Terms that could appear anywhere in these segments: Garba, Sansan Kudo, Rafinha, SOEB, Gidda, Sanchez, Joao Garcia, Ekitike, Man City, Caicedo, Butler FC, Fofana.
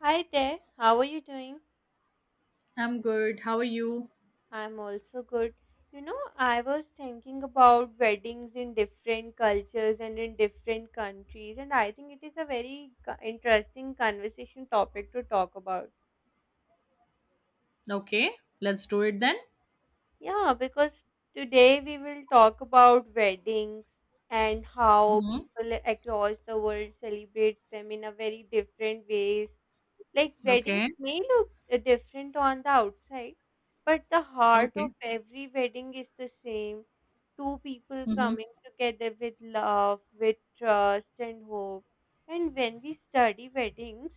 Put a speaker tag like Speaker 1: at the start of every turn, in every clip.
Speaker 1: Hi there, how are you doing?
Speaker 2: I'm good. How are you?
Speaker 1: I'm also good. You know, I was thinking about weddings in different cultures and in different countries, and I think it is a very interesting conversation topic to talk about.
Speaker 2: Okay, let's do it then.
Speaker 1: Yeah, because today we will talk about weddings and how
Speaker 2: Mm-hmm.
Speaker 1: people across the world celebrate them in a very different ways. Like weddings
Speaker 2: Okay,
Speaker 1: may look different on the outside, but the heart of
Speaker 2: okay.
Speaker 1: every wedding is the same. Two people
Speaker 2: Mm-hmm.
Speaker 1: coming together with love, with trust and hope. And when we study weddings,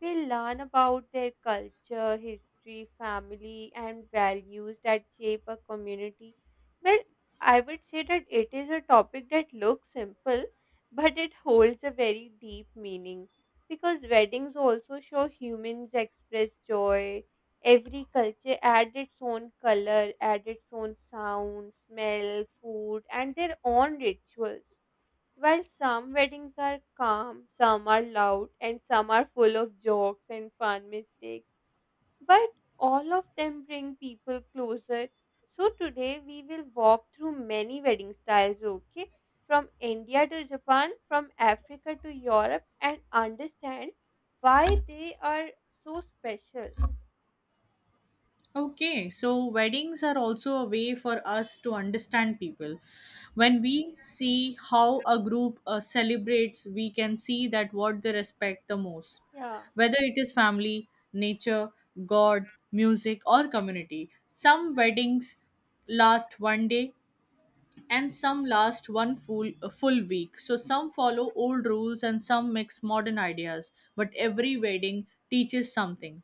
Speaker 1: we learn about their culture, history, family, and values that shape a community. Well, I would say that it is a topic that looks simple, but it holds a very deep meaning because weddings also show humans express joy. Every culture adds its own color, adds its own sound, smell, food, and their own rituals. While some weddings are calm, some are loud, and some are full of jokes and fun mistakes, but all of them bring people closer. So today we will walk through many wedding styles, okay? From India to Japan, from Africa to Europe, and understand why they are so special.
Speaker 2: Okay, so weddings are also a way for us to understand people. When we see how a group celebrates, we can see that what they respect the most,
Speaker 1: Yeah,
Speaker 2: whether it is family, nature, God, music, or community. Some weddings last one day, and some last one full a full week. So some follow old rules, and some mix modern ideas, but every wedding teaches something.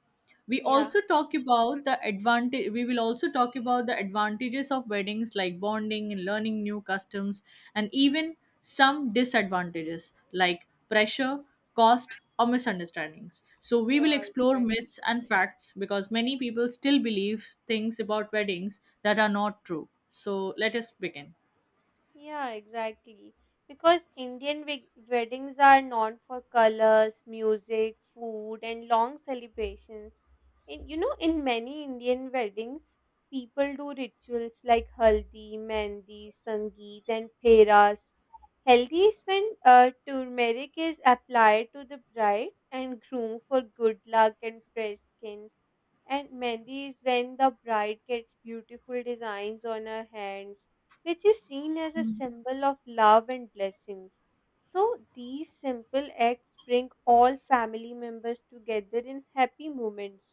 Speaker 1: yeah,
Speaker 2: We will also talk about the advantages of weddings, like bonding and learning new customs, and even some disadvantages like pressure, cost, or misunderstandings. So we will
Speaker 1: yeah,
Speaker 2: explore
Speaker 1: right.
Speaker 2: myths and facts, because many people still believe things about weddings that are not true. So let us begin.
Speaker 1: Yeah, exactly. Because Indian weddings are known for colors, music, food, and long celebrations. In many Indian weddings, people do rituals like haldi, mehndi, sangeet, and pheras. Haldi is when turmeric is applied to the bride and groom for good luck and fresh skin. And mehndi is when the bride gets beautiful designs on her hands, which is seen as a symbol of love and blessings. So these simple acts bring all family members together in happy moments.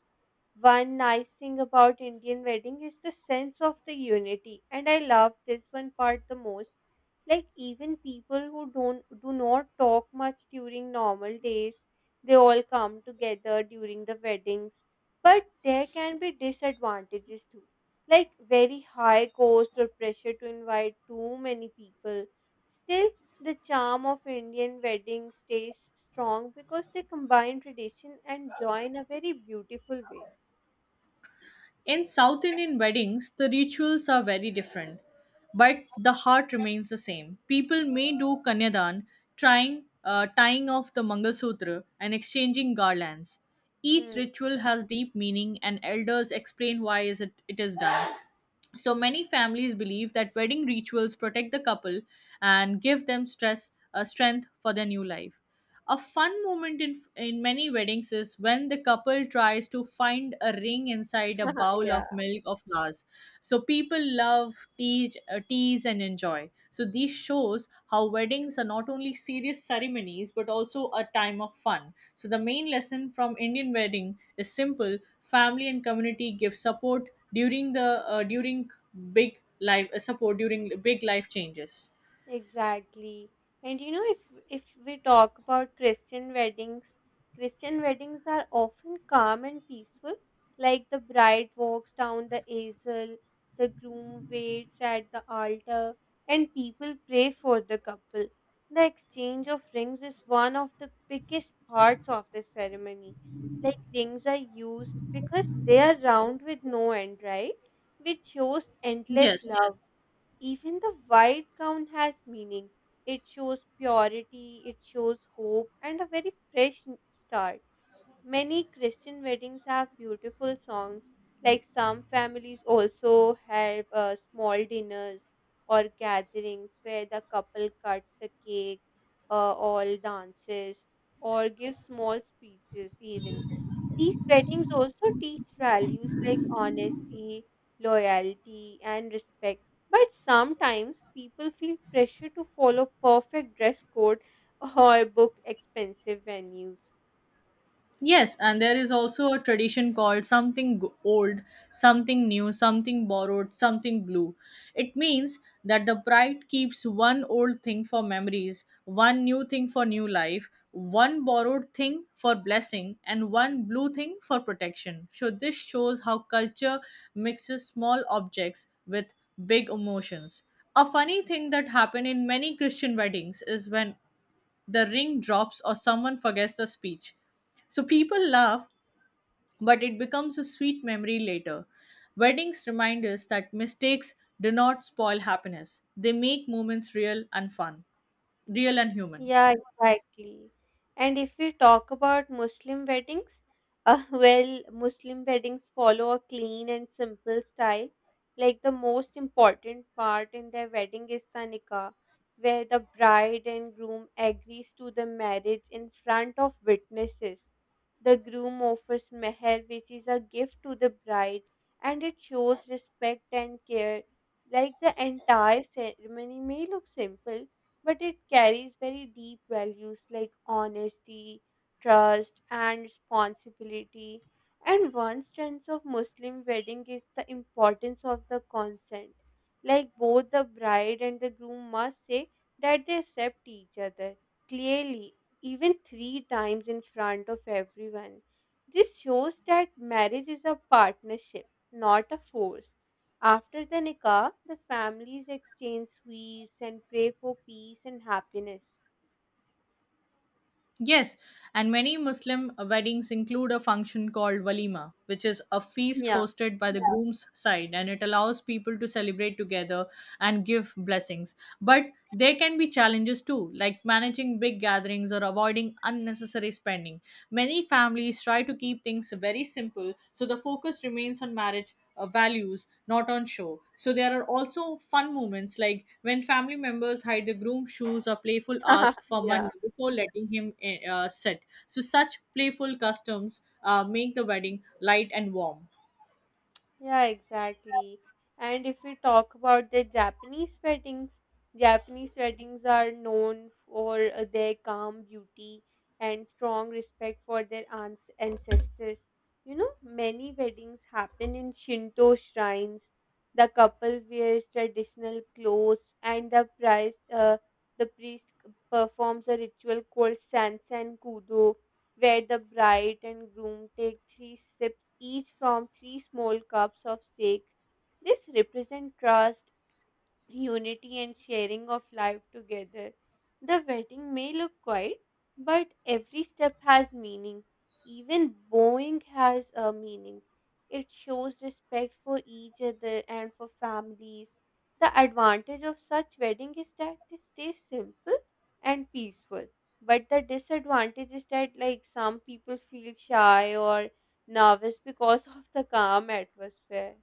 Speaker 1: One nice thing about Indian wedding is the sense of the unity, and I love this one part the most. Like even people who don't do not talk much during normal days, they all come together during the weddings. But there can be disadvantages too, like very high cost or pressure to invite too many people. Still, the charm of Indian wedding stays strong because they combine tradition and joy in a very beautiful way.
Speaker 2: In South Indian weddings, the rituals are very different, but the heart remains the same. People may do kanyadan, tying off the Mangal Sutra and exchanging garlands. Each
Speaker 1: Hmm.
Speaker 2: ritual has deep meaning, and elders explain why is it is done. So many families believe that wedding rituals protect the couple and give them stress strength for their new life. A fun moment in many weddings is when the couple tries to find a ring inside a bowl
Speaker 1: Yeah,
Speaker 2: of milk or flowers. So people love tease and enjoy. So these shows how weddings are not only serious ceremonies but also a time of fun. So the main lesson from Indian wedding is simple: family and community give support during big life changes.
Speaker 1: exactly. And you know, if we talk about Christian weddings are often calm and peaceful. Like the bride walks down the aisle, the groom waits at the altar, and people pray for the couple. The exchange of rings is one of the biggest parts of the ceremony. Like rings are used because they are round with no end, right? Which shows endless
Speaker 2: Yes.
Speaker 1: love. Even the white gown has meaning. It shows purity, it shows hope, and a very start. Many Christian weddings have beautiful songs, like some families also have small dinners or gatherings where the couple cuts a cake, all dances, or gives small speeches, even. These weddings also teach values like honesty, loyalty, and respect. But sometimes people feel pressure to follow perfect dress code or book expensive venues.
Speaker 2: Yes, and there is also a tradition called something old, something new, something borrowed, something blue. It means that the bride keeps one old thing for memories, one new thing for new life, one borrowed thing for blessing, and one blue thing for protection. So this shows how culture mixes small objects with big emotions. A funny thing that happened in many Christian weddings is when the ring drops or someone forgets the speech. So people laugh, but it becomes a sweet memory later. Weddings remind us that mistakes do not spoil happiness, they make moments real and fun, real and human.
Speaker 1: Yeah, exactly. And if we talk about Muslim weddings, well, Muslim weddings follow a clean and simple style. Like the most important part in their wedding is the nikah, where the bride and groom agrees to the marriage in front of witnesses. The groom offers meher, which is a gift to the bride, and it shows respect and care. Like the entire ceremony may look simple but it carries very deep values like honesty, trust, and responsibility. And one strength of Muslim wedding is the importance of the consent. Like both the bride and the groom must say that they accept each other clearly, even three times in front of everyone. This shows that marriage is a partnership, not a force. After the nikah, the families exchange sweets and pray for peace and happiness.
Speaker 2: Yes, and many Muslim weddings include a function called walima, which is a feast
Speaker 1: Yeah.
Speaker 2: hosted by the, groom's side, and it allows people to celebrate together and give blessings. But there can be challenges too, like managing big gatherings or avoiding unnecessary spending. Many families try to keep things very simple, so the focus remains on marriage values, not on show. So there are also fun moments like when family members hide the groom's shoes or playful ask for
Speaker 1: Yeah.
Speaker 2: money before letting sit. So such playful customs make the wedding light and warm.
Speaker 1: Yeah, exactly. And if we talk about the Japanese weddings are known for their calm beauty and strong respect for their ans ancestors. You know, many weddings happen in Shinto shrines. The couple wears traditional clothes, and the priest performs a ritual called Sansan Kudo, where the bride and groom take three sips each from three small cups of sake. This represents trust, unity, and sharing of life together. The wedding may look quiet, but every step has meaning. Even bowing has a meaning. It shows respect for each other and for families. The advantage of such wedding is that they stay simple and peaceful. But the disadvantage is that like some people feel shy or nervous because of the calm atmosphere.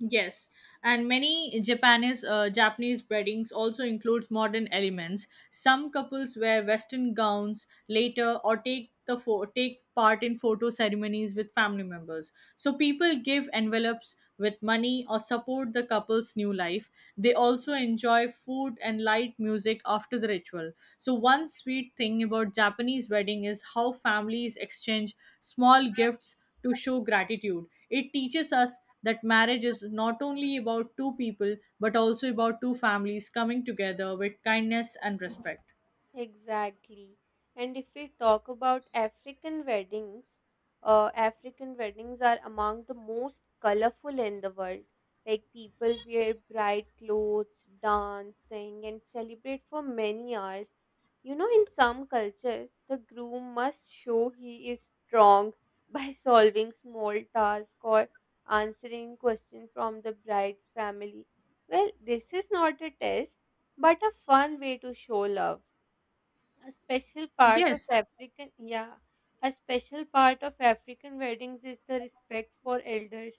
Speaker 2: Yes, and many Japanese weddings also includes modern elements. Some couples wear Western gowns later or take part in photo ceremonies with family members. So people give envelopes with money or support the couple's new life. They also enjoy food and light music after the ritual. So one sweet thing about Japanese wedding is how families exchange small gifts to show gratitude. It teaches us that marriage is not only about two people but also about two families coming together with kindness and respect.
Speaker 1: Exactly. And if we talk about African weddings are among the most colorful in the world. Like people wear bright clothes, dance, sing, and celebrate for many hours. You know, in some cultures, the groom must show he is strong by solving small tasks or answering questions from the bride's family. Well, this is not a test, but a fun way to show love. A special part of
Speaker 2: Yes,
Speaker 1: African, yeah, a special part of African weddings is the respect for elders.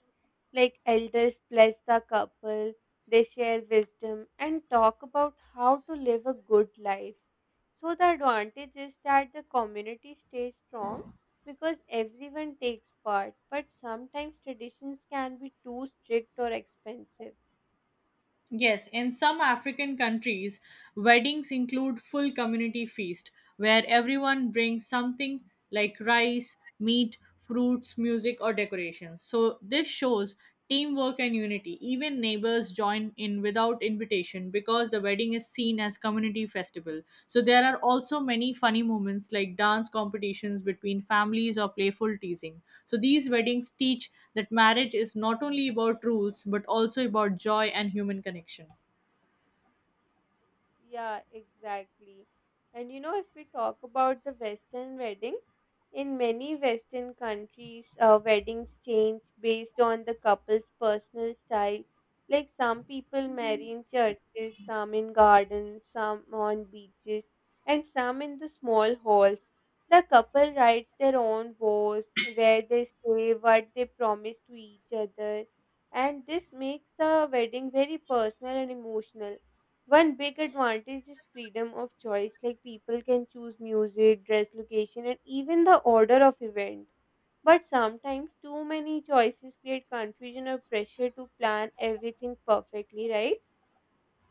Speaker 1: Like elders bless the couple, they share wisdom and talk about how to live a good life. So the advantage is that the community stays strong because everyone takes part, but sometimes traditions can be too strict or expensive.
Speaker 2: yes. In some African countries, weddings include full community feast where everyone brings something like rice, meat, fruits, music, or decorations. So this shows teamwork and unity. Even neighbors join in without invitation, because the wedding is seen as community festival. So there are also many funny moments like dance competitions between families or playful teasing. So these weddings teach that marriage is not only about rules but also about joy and human connection.
Speaker 1: Yeah, exactly. And you know, if we talk about the Western weddings, in many Western countries, weddings change based on the couple's personal style. Like some people marry in churches, some in gardens, some on beaches, and some in the small halls. The couple writes their own vows, where they stay, what they promise to each other, and this makes the wedding very personal and emotional. One big advantage is freedom of choice, like people can choose music, dress, location, and even the order of event. But sometimes too many choices create confusion or pressure to plan everything perfectly, right?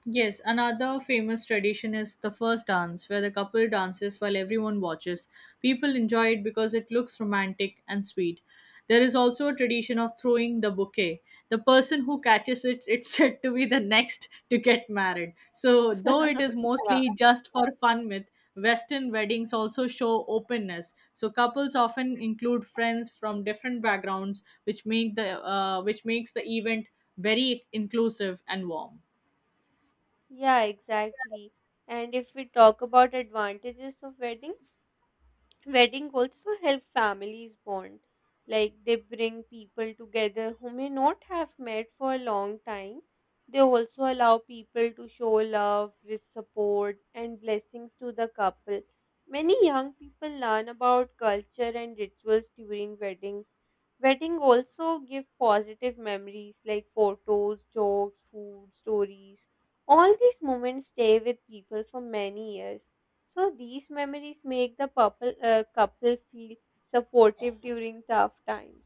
Speaker 2: Yes, another famous tradition is the first dance, where the couple dances while everyone watches. People enjoy it because it looks romantic and sweet. There is also a tradition of throwing the bouquet. The person who catches it, it's said to be the next to get married. So, though it is
Speaker 1: Yeah.
Speaker 2: mostly just for fun myth, Western weddings also show openness. So couples often include friends from different backgrounds, which makes the event very inclusive and warm.
Speaker 1: Yeah, exactly. And if we talk about advantages of weddings, wedding also help families bond. Like they bring people together who may not have met for a long time. They also allow people to show love, with support, and blessings to the couple. Many young people learn about culture and rituals during weddings. Wedding also give positive memories like photos, jokes, food, stories. All these moments stay with people for many years. So these memories make the couple feel supportive during tough times.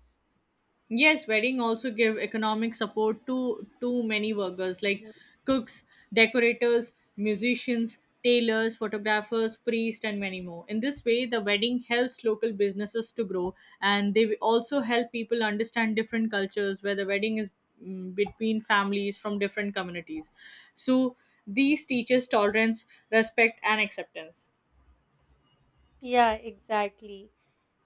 Speaker 2: Yes, wedding also give economic support to many workers like
Speaker 1: Mhm.
Speaker 2: cooks, decorators, musicians, tailors, photographers, priests, and many more. In this way, the wedding helps local businesses to grow, and they also help people understand different cultures where the wedding is between families from different communities. So these teaches tolerance, respect, and acceptance.
Speaker 1: Yeah, exactly.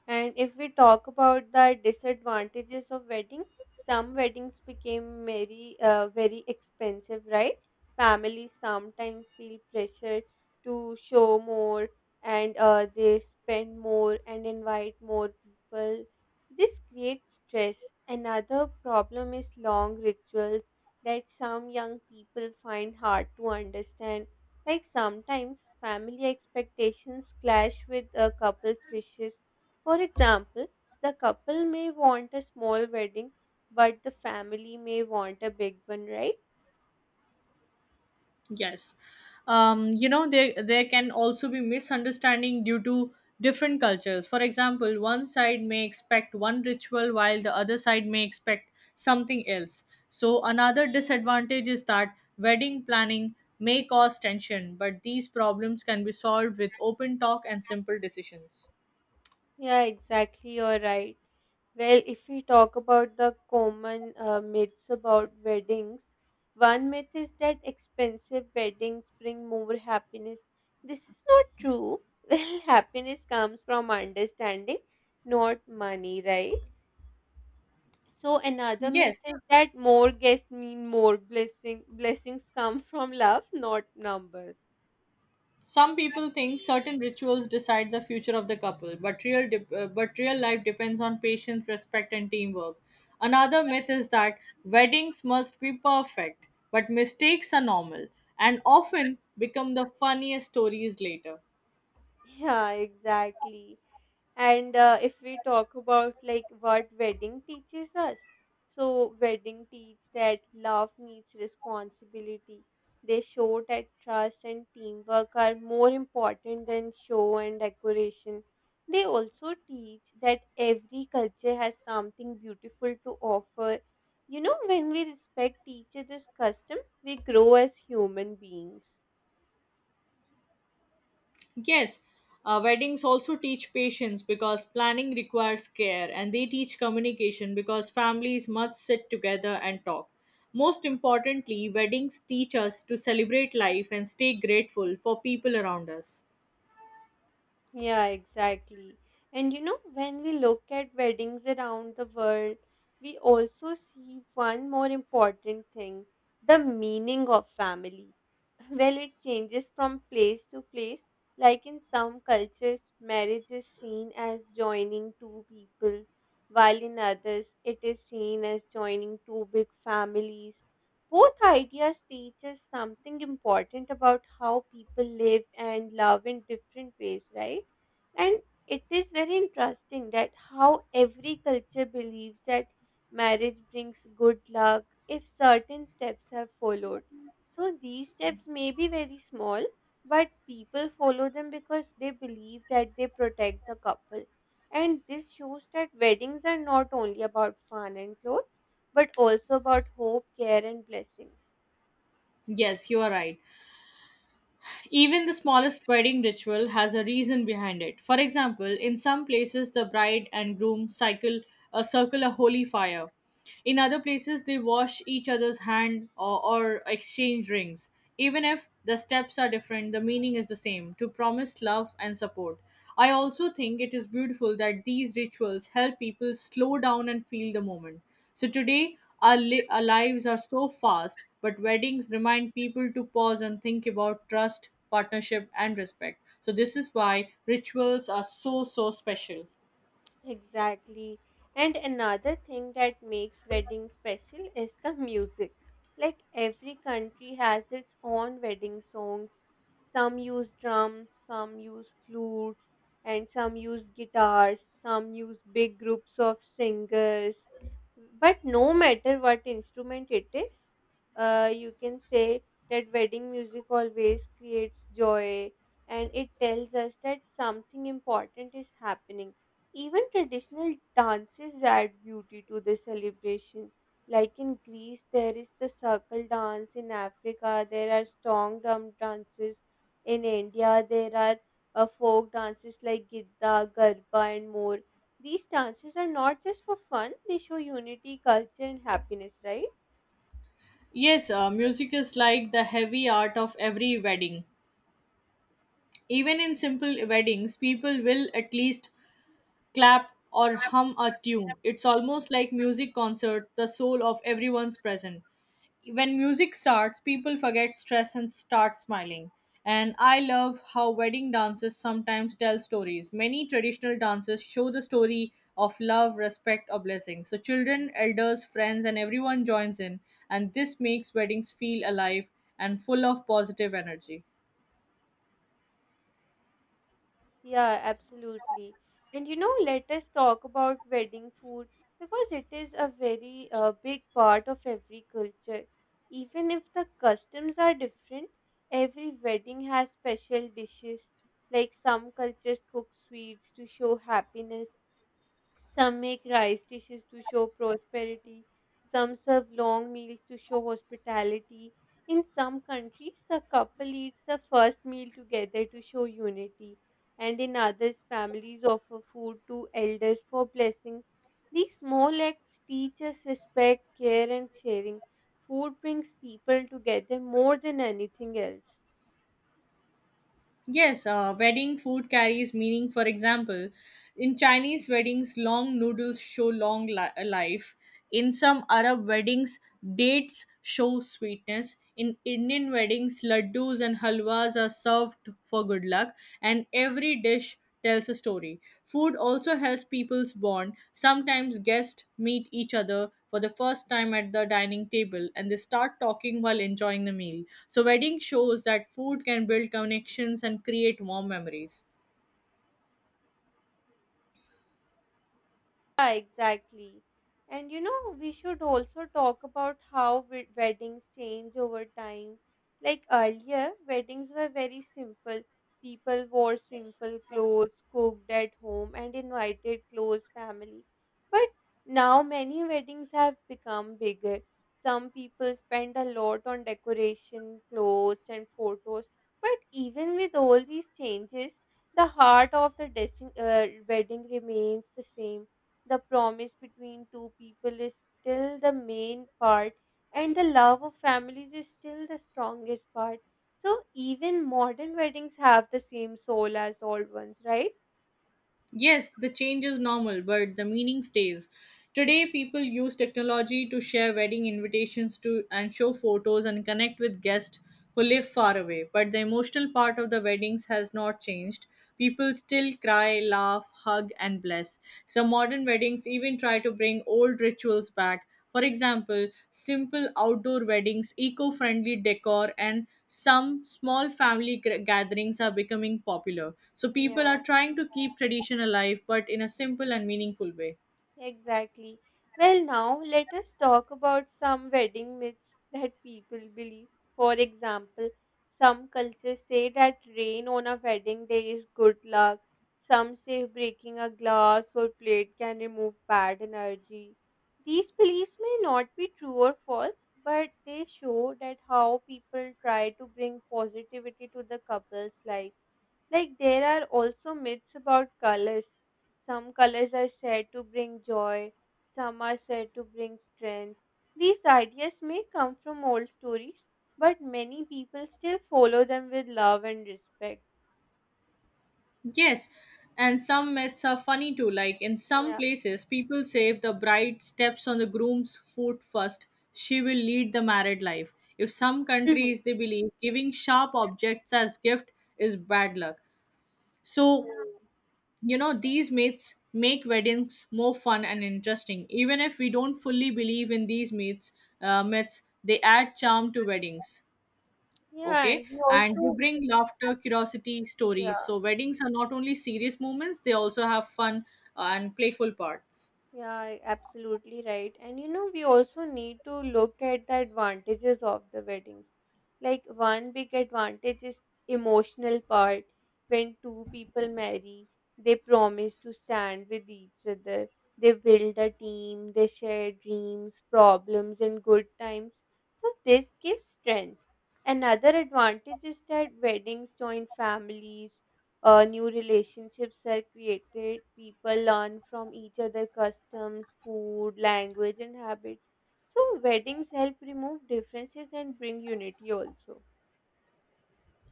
Speaker 1: And if we talk about the disadvantages of wedding, some weddings became very expensive, right? Families sometimes feel pressured to show more and they spend more and invite more people. This creates stress. Another problem is long rituals that some young people find hard to understand. Like sometimes family expectations clash with a couple's wishes, for example, the couple may want a small wedding, but the family may want a big one, right?
Speaker 2: Yes. There can also be misunderstanding due to different cultures. For example, one side may expect one ritual while the other side may expect something else. So another disadvantage is that wedding planning may cause tension, but these problems can be solved with open talk and simple decisions.
Speaker 1: Yeah, exactly, you're right. Well, if we talk about the common myths about weddings, one myth is that expensive weddings bring more happiness. This is not true. Well, happiness comes from understanding, not money, right? So another myth
Speaker 2: Yes,
Speaker 1: is that more guests mean more blessings come from love, not numbers.
Speaker 2: some people think certain rituals decide the future of the couple, but real life depends on patience, respect, and teamwork. Another myth is that weddings must be perfect, but mistakes are normal and often become the funniest stories later.
Speaker 1: Yeah, exactly. And if we talk about like what wedding teaches us, so wedding teach that love needs responsibility. They show that trust and teamwork are more important than show and decoration. They also teach that every culture has something beautiful to offer. You know, when we respect each other's custom, we grow as human beings.
Speaker 2: Yes, weddings also teach patience because planning requires care, and they teach communication because families must sit together and talk. Most importantly, weddings teach us to celebrate life and stay grateful for people around us.
Speaker 1: Yeah, exactly. And you know, when we look at weddings around the world, we also see one more important thing, the meaning of family. Well, it changes from place to place. Like in some cultures, marriage is seen as joining two people, while in others, it is seen as joining two big families. Both ideas teach us something important about how people live and love in different ways, right? And it is very interesting that how every culture believes that marriage brings good luck if certain steps are followed. So these steps may be very small, but people follow them because they believe that they protect the couple. And this shows that weddings are not only about fun and clothes, but also about hope, care, and blessings.
Speaker 2: Yes, you are right. Even the smallest wedding ritual has a reason behind it. For example, in some places, the bride and groom cycle circle a holy fire. In other places, they wash each other's hand or exchange rings. Even if the steps are different, the meaning is the same, to promise love and support. I also think it is beautiful that these rituals help people slow down and feel the moment. So today, our lives are so fast, but weddings remind people to pause and think about trust, partnership, and respect. So this is why rituals are so, so special.
Speaker 1: Exactly. And another thing that makes weddings special is the music. Like every country has its own wedding songs. Some use drums, some use flutes, and some use guitars, some use big groups of singers. But no matter what instrument it is, you can say that wedding music always creates joy and it tells us that something important is happening. Even traditional dances add beauty to the celebration. Like in Greece, there is the circle dance. In Africa, there are strong drum dances. In India, there are folk dances like Gidda, Garba, and more. These dances are not just for fun, they show unity, culture, and happiness, right?
Speaker 2: Yes, music is like the heavy art of every wedding. Even in simple weddings, people will at least clap or hum a tune. It's almost like music concert, the soul of everyone's present. When music starts, people forget stress and start smiling. And I love how wedding dances sometimes tell stories. Many traditional dances show the story of love, respect, or blessing. So children, elders, friends, and everyone joins in, and this makes weddings feel alive and full of positive energy.
Speaker 1: Yeah, absolutely. And you know, let us talk about wedding food because it is a very big part of every culture. Even if the customs are different, every wedding has special dishes. Like some cultures cook sweets to show happiness, some make rice dishes to show prosperity. Some serve long meals to show hospitality. In some countries, the couple eats the first meal together to show unity. And in others, families offer food to elders for blessings. These small acts teach us respect, care, and sharing. Food brings people together more than anything else.
Speaker 2: Yes, wedding food carries meaning. For example, in Chinese weddings, long noodles show long life. In some Arab weddings, dates show sweetness. In Indian weddings, laddus and halwas are served for good luck, and every dish tells a story. Food also helps people's bond. Sometimes guests meet each other for the first time at the dining table, and they start talking while enjoying the meal. So wedding shows that food can build connections and create warm memories.
Speaker 1: Yeah, exactly. And you know, we should also talk about how weddings change over time. Like earlier, weddings were very simple. People wore simple clothes, cooked at home, and invited close family. But now many weddings have become bigger. Some people spend a lot on decoration, clothes, and photos. But even with all these changes, the heart of the wedding remains the same. The promise between two people is still the main part, and the love of families is still the strongest part. So even modern weddings have the same soul as old ones, right?
Speaker 2: Yes, the change is normal, but the meaning stays. Today, people use technology to share wedding invitations to and show photos and connect with guests who live far away. But the emotional part of the weddings has not changed. People still cry, laugh, hug, and bless. Some modern weddings even try to bring old rituals back, for example, simple outdoor weddings, eco friendly decor, and some small family gatherings are becoming popular. So people
Speaker 1: Yeah.
Speaker 2: are trying to keep tradition alive, but in a simple and meaningful way.
Speaker 1: Exactly. Well, now let us talk about some wedding myths that people believe. For example, some cultures say that rain on a wedding day is good luck. Some say breaking a glass or plate can remove bad energy. These beliefs may not be true or false, but they show that how people try to bring positivity to the couple's life. Like there are also myths about colors. Some colors are said to bring joy, some are said to bring strength. These ideas may come from old stories, but many people still follow them with love and respect.
Speaker 2: Yes, and some myths are funny too. Like in some
Speaker 1: Yeah.
Speaker 2: places, people say if the bride steps on the groom's foot first, she will lead the married life. If some
Speaker 1: Mhm.
Speaker 2: countries they believe giving sharp objects as gift is bad luck. So
Speaker 1: Yeah,
Speaker 2: these myths make weddings more fun and interesting, even if we don't fully believe in these myths, they add charm to weddings.
Speaker 1: yeah,
Speaker 2: Okay.
Speaker 1: and we
Speaker 2: And they
Speaker 1: also,
Speaker 2: bring laughter, curiosity, stories.
Speaker 1: yeah.
Speaker 2: So weddings are not only serious moments, they also have fun, and playful parts.
Speaker 1: Yeah, I- absolutely right. And you know, we also need to look at the advantages of the weddings. Like one big advantage is emotional part. When two people marry, they promise to stand with each other. They build a team, they share dreams, problems, and good times. So this gives strength. Another advantage is that weddings join families. New relationships are created. People learn from each other customs, food, language, and habits. So weddings help remove differences and bring unity also.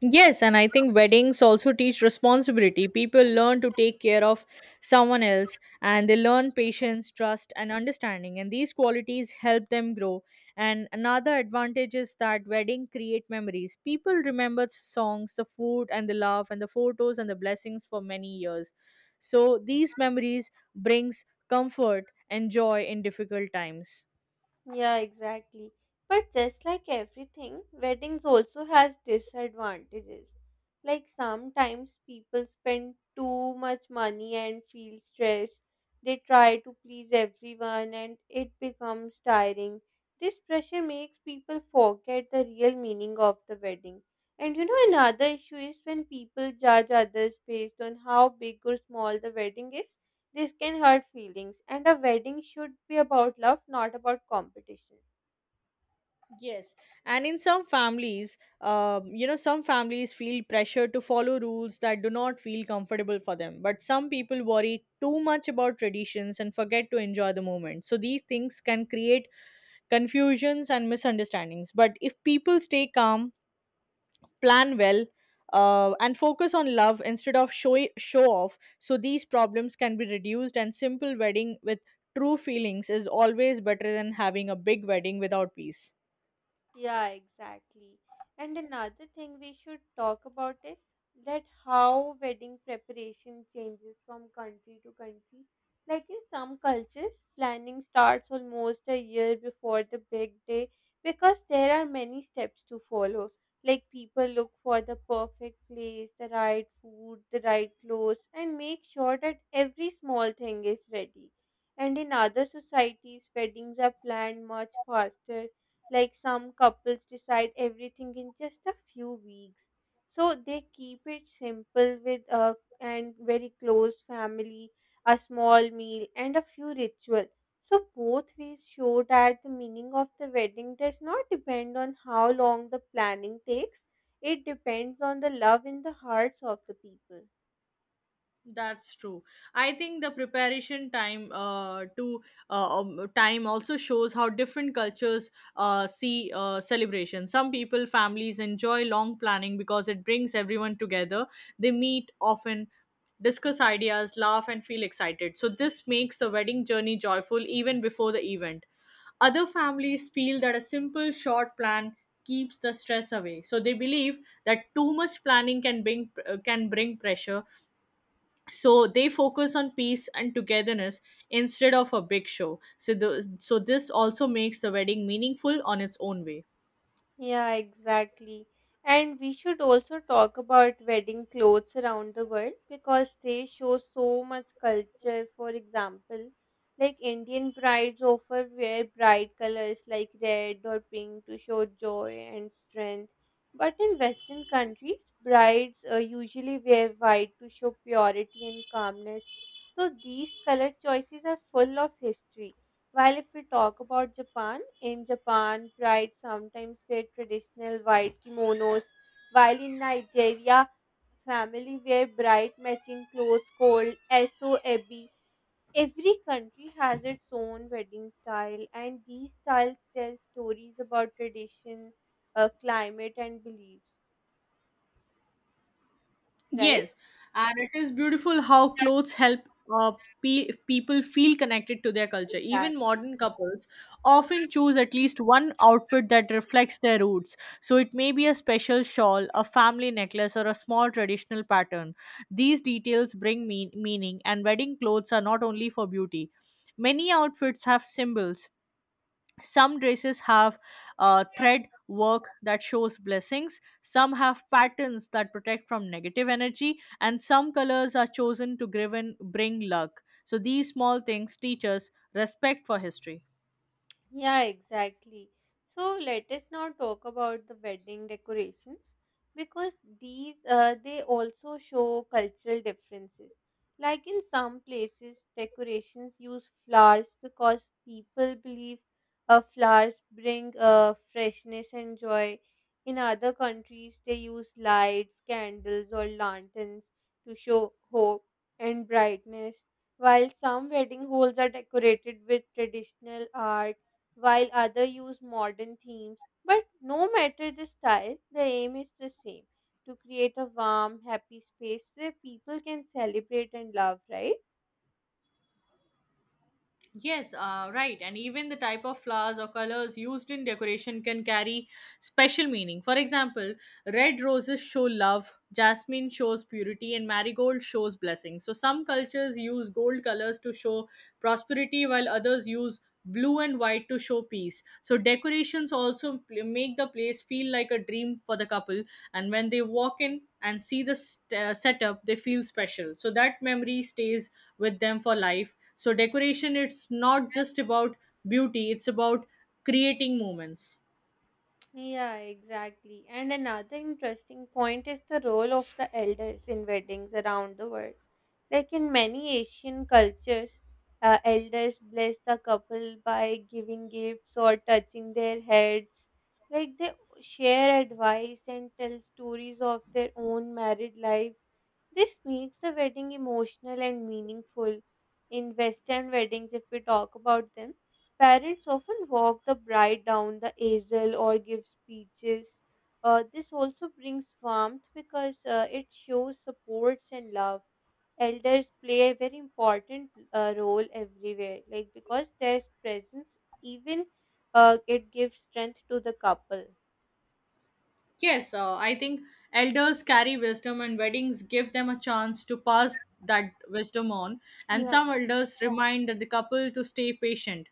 Speaker 2: Yes, and I think weddings also teach responsibility. People learn to take care of someone else, and they learn patience, trust, and understanding. And these qualities help them grow. And another advantage is that wedding create memories. People remember songs, the food, and the love, and the photos and the blessings for many years. So these memories brings comfort and joy in difficult times.
Speaker 1: Yeah, exactly. But just like everything, weddings also has disadvantages. Like sometimes people spend too much money and feel stressed. They try to please everyone and it becomes tiring. This pressure makes people forget the real meaning of the wedding. And you know, another issue is when people judge others based on how big or small the wedding is. This can hurt feelings, and a wedding should be about love, not about competition.
Speaker 2: Yes, and in some families, some families feel pressure to follow rules that do not feel comfortable for them. But some people worry too much about traditions and forget to enjoy the moment. So these things can create confusions and misunderstandings. But if people stay calm, plan well, and focus on love instead of show off, so these problems can be reduced. And simple wedding with true feelings is always better than having a big wedding without peace.
Speaker 1: Yeah, exactly. And another thing we should talk about is that how wedding preparation changes from country to country. Like in some cultures, planning starts almost a year before the big day because there are many steps to follow. Like people look for the perfect place, the right food, the right clothes, and make sure that every small thing is ready. And in other societies, weddings are planned much faster, like some couples decide everything in just a few weeks. So they keep it simple with a and very close family, a small meal and a few rituals. So both ways show that the meaning of the wedding does not depend on how long the planning takes. It depends on the love in the hearts of the people.
Speaker 2: That's true. I think the preparation time to time also shows how different cultures see celebration. Some people, families enjoy long planning because it brings everyone together. They meet often, discuss ideas, laugh, and feel excited. So this makes the wedding journey joyful even before the event. Other families feel that a simple, short plan keeps the stress away. So they believe that too much planning can bring pressure, so they focus on peace and togetherness instead of a big show. So this also makes the wedding meaningful on its own way.
Speaker 1: Yeah, exactly. And we should also talk about wedding clothes around the world because they show so much culture. For example, like Indian brides often wear bright colors like red or pink to show joy and strength. But in Western countries, brides usually wear white to show purity and calmness. So these color choices are full of history. While if we talk about Japan, in Japan, brides sometimes wear traditional white kimonos, while in Nigeria, family wear bright matching clothes called SOEB. Every country has its own wedding style, and these styles tell stories about tradition, climate, and beliefs, right?
Speaker 2: Yes, and it is beautiful how clothes help uh, people feel connected to their culture. Even
Speaker 1: Exactly.
Speaker 2: modern couples often choose at least one outfit that reflects their roots. So it may be a special shawl, a family necklace, or a small traditional pattern. These details bring meaning, and wedding clothes are not only for beauty. Many outfits have symbols, some dresses have thread work that shows blessings, some have patterns that protect from negative energy, and some colors are chosen to bring luck. So these small things teach us respect for history.
Speaker 1: Yeah, exactly. So let us now talk about the wedding decorations because these they also show cultural differences. Like in some places, decorations use flowers because people believe flowers bring freshness and joy. In other countries, they use lights, candles, or lanterns to show hope and brightness. While some wedding halls are decorated with traditional art while others use modern themes. But no matter the style, the aim is the same, to create a warm, happy space where people can celebrate and love, right?
Speaker 2: Yes, right. And even the type of flowers or colors used in decoration can carry special meaning. For example, red roses show love, jasmine shows purity, and marigold shows blessing. So, some cultures use gold colors to show prosperity, while others use blue and white to show peace. So decorations also make the place feel like a dream for the couple. And when they walk in and see the setup, they feel special. So that memory stays with them for life. So decoration, it's not just about beauty; it's about creating moments.
Speaker 1: Yeah, exactly. And another interesting point is the role of the elders in weddings around the world. Like in many Asian cultures, elders bless the couple by giving gifts or touching their heads. Like they share advice and tell stories of their own married life. This makes the wedding emotional and meaningful. In Western weddings, if we talk about them, parents often walk the bride down the aisle or give speeches. This also brings warmth because it shows supports and love. Elders play a very important role everywhere, like because their presence even it gives strength to the couple.
Speaker 2: Yes, I think elders carry wisdom, and weddings give them a chance to pass that wisdom on. And
Speaker 1: Yeah.
Speaker 2: some elders remind the couple to stay patient.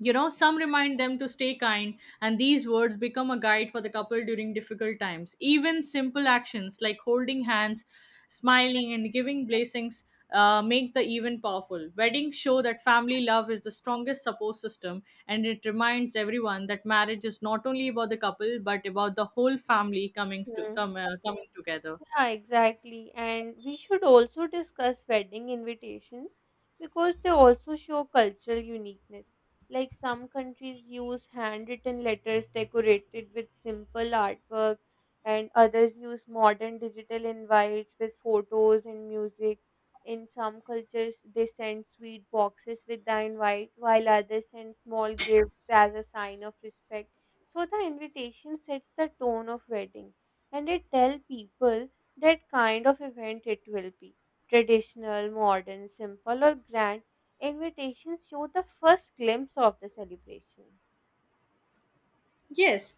Speaker 2: You know, some remind them to stay kind, and these words become a guide for the couple during difficult times. Even simple actions like holding hands, smiling, and giving blessings make the event powerful. Weddings show that family love is the strongest support system, and it reminds everyone that marriage is not only about the couple but about the whole family coming to
Speaker 1: Hmm.
Speaker 2: come coming together.
Speaker 1: Yeah, exactly. And we should also discuss wedding invitations because they also show cultural uniqueness. Like some countries use handwritten letters decorated with simple artwork, and others use modern digital invites with photos and music. In some cultures, they send sweet boxes with the invite, while others send small gifts as a sign of respect. So the invitation sets the tone of wedding and they tell people that kind of event it will be. Traditional, modern, simple, or grand, invitations show the first glimpse of the celebration.
Speaker 2: Yes,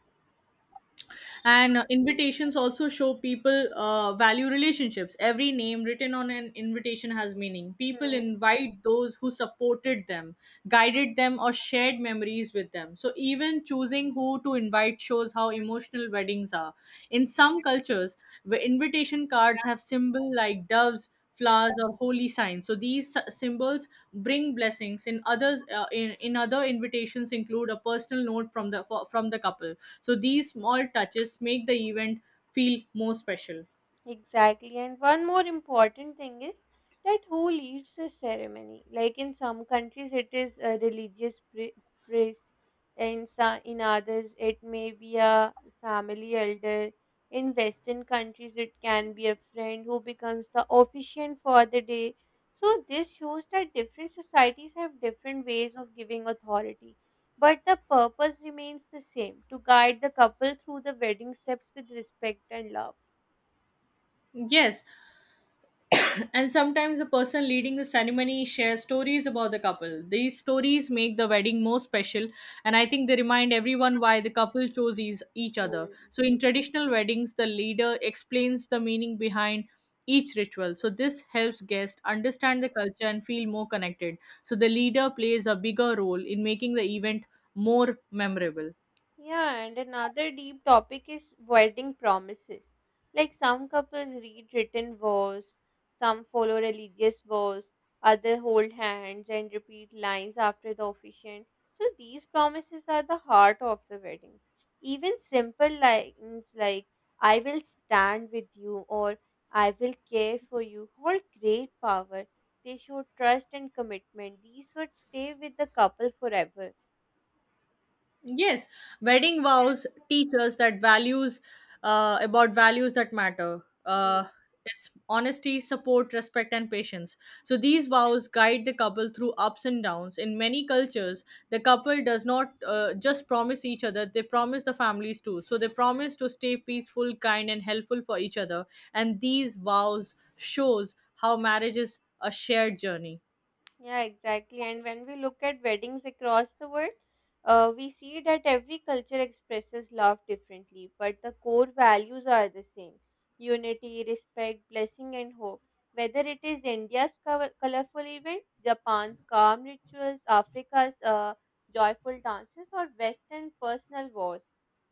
Speaker 2: and invitations also show people value relationships. Every name written on an invitation has meaning. People invite those who supported them, guided them, or shared memories with them. So even choosing who to invite shows how emotional weddings are. In some cultures, where invitation cards have symbol like doves, flowers, or holy signs, so these symbols bring blessings. In others, in other invitations include a personal note from from the couple, so these small touches make the event feel more special.
Speaker 1: Exactly. And one more important thing is that who leads the ceremony? Like in some countries, it is a priest, and so in others, it may be a family elder. In Western countries, it can be a friend who becomes the officiant for the day. So, this shows that different societies have different ways of giving authority. But the purpose remains the same, to guide the couple through the wedding steps with respect and love.
Speaker 2: Yes. And sometimes the person leading the ceremony shares stories about the couple. These stories make the wedding more special, and I think they remind everyone why the couple chose each other.
Speaker 1: Hmm.
Speaker 2: So, in traditional weddings, the leader explains the meaning behind each ritual. So, this helps guests understand the culture and feel more connected. So, the leader plays a bigger role in making the event more memorable.
Speaker 1: Yeah, and another deep topic is wedding promises. Like some couples read written vows, some follow religious vows, others hold hands and repeat lines after the officiant. So these promises are the heart of the weddings. Even simple lines like I will stand with you or I will care for you hold great power. They show trust and commitment. These would stay with the couple forever.
Speaker 2: Yes, wedding vows teach us that values about values that matter.
Speaker 1: Hmm.
Speaker 2: It's honesty, support, respect, and patience. So these vows guide the couple through ups and downs. In many cultures, the couple does not just promise each other; they promise the families too. So they promise to stay peaceful, kind, and helpful for each other. And these vows shows how marriage is a shared journey.
Speaker 1: Yeah, exactly. And when we look at weddings across the world, we see that every culture expresses love differently, but the core values are the same, unity, respect, blessing, and hope. Whether it is India's colorful event, Japan's calm rituals, Africa's joyful dances, or Western personal wars,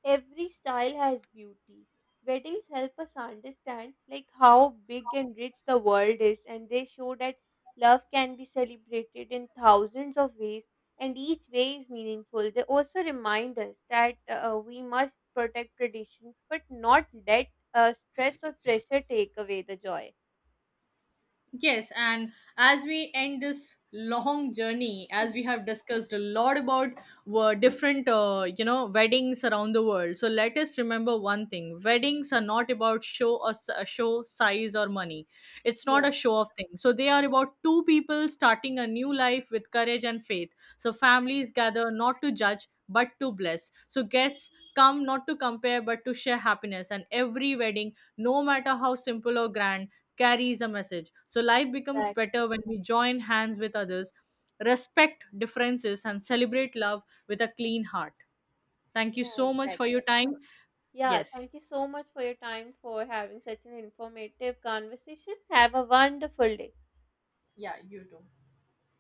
Speaker 1: every style has beauty. Weddings help us understand like how big and rich the world is, and they show that love can be celebrated in thousands of ways, and each way is meaningful. They also remind us that we must protect traditions but not let stress or pressure take away the joy.
Speaker 2: Yes, and as we end this long journey, as we have discussed a lot about you know, weddings around the world. So let us remember one thing: weddings are not about show or show size or money. It's
Speaker 1: Yeah,
Speaker 2: not a show of thing. So they are about two people starting a new life with courage and faith. So families gather not to judge but to bless. So guests come not to compare but to share happiness. And every wedding, no matter how simple or grand, carries a message. So life becomes
Speaker 1: exactly.
Speaker 2: better when we join hands with others, respect differences, and celebrate love with a clean heart. Thank you
Speaker 1: Yeah,
Speaker 2: so much for
Speaker 1: exactly.
Speaker 2: your
Speaker 1: Mhm.
Speaker 2: time.
Speaker 1: Yeah,
Speaker 2: Yes.
Speaker 1: thank you so much for your time for having such an informative conversation. Have a wonderful day.
Speaker 2: Yeah, you too.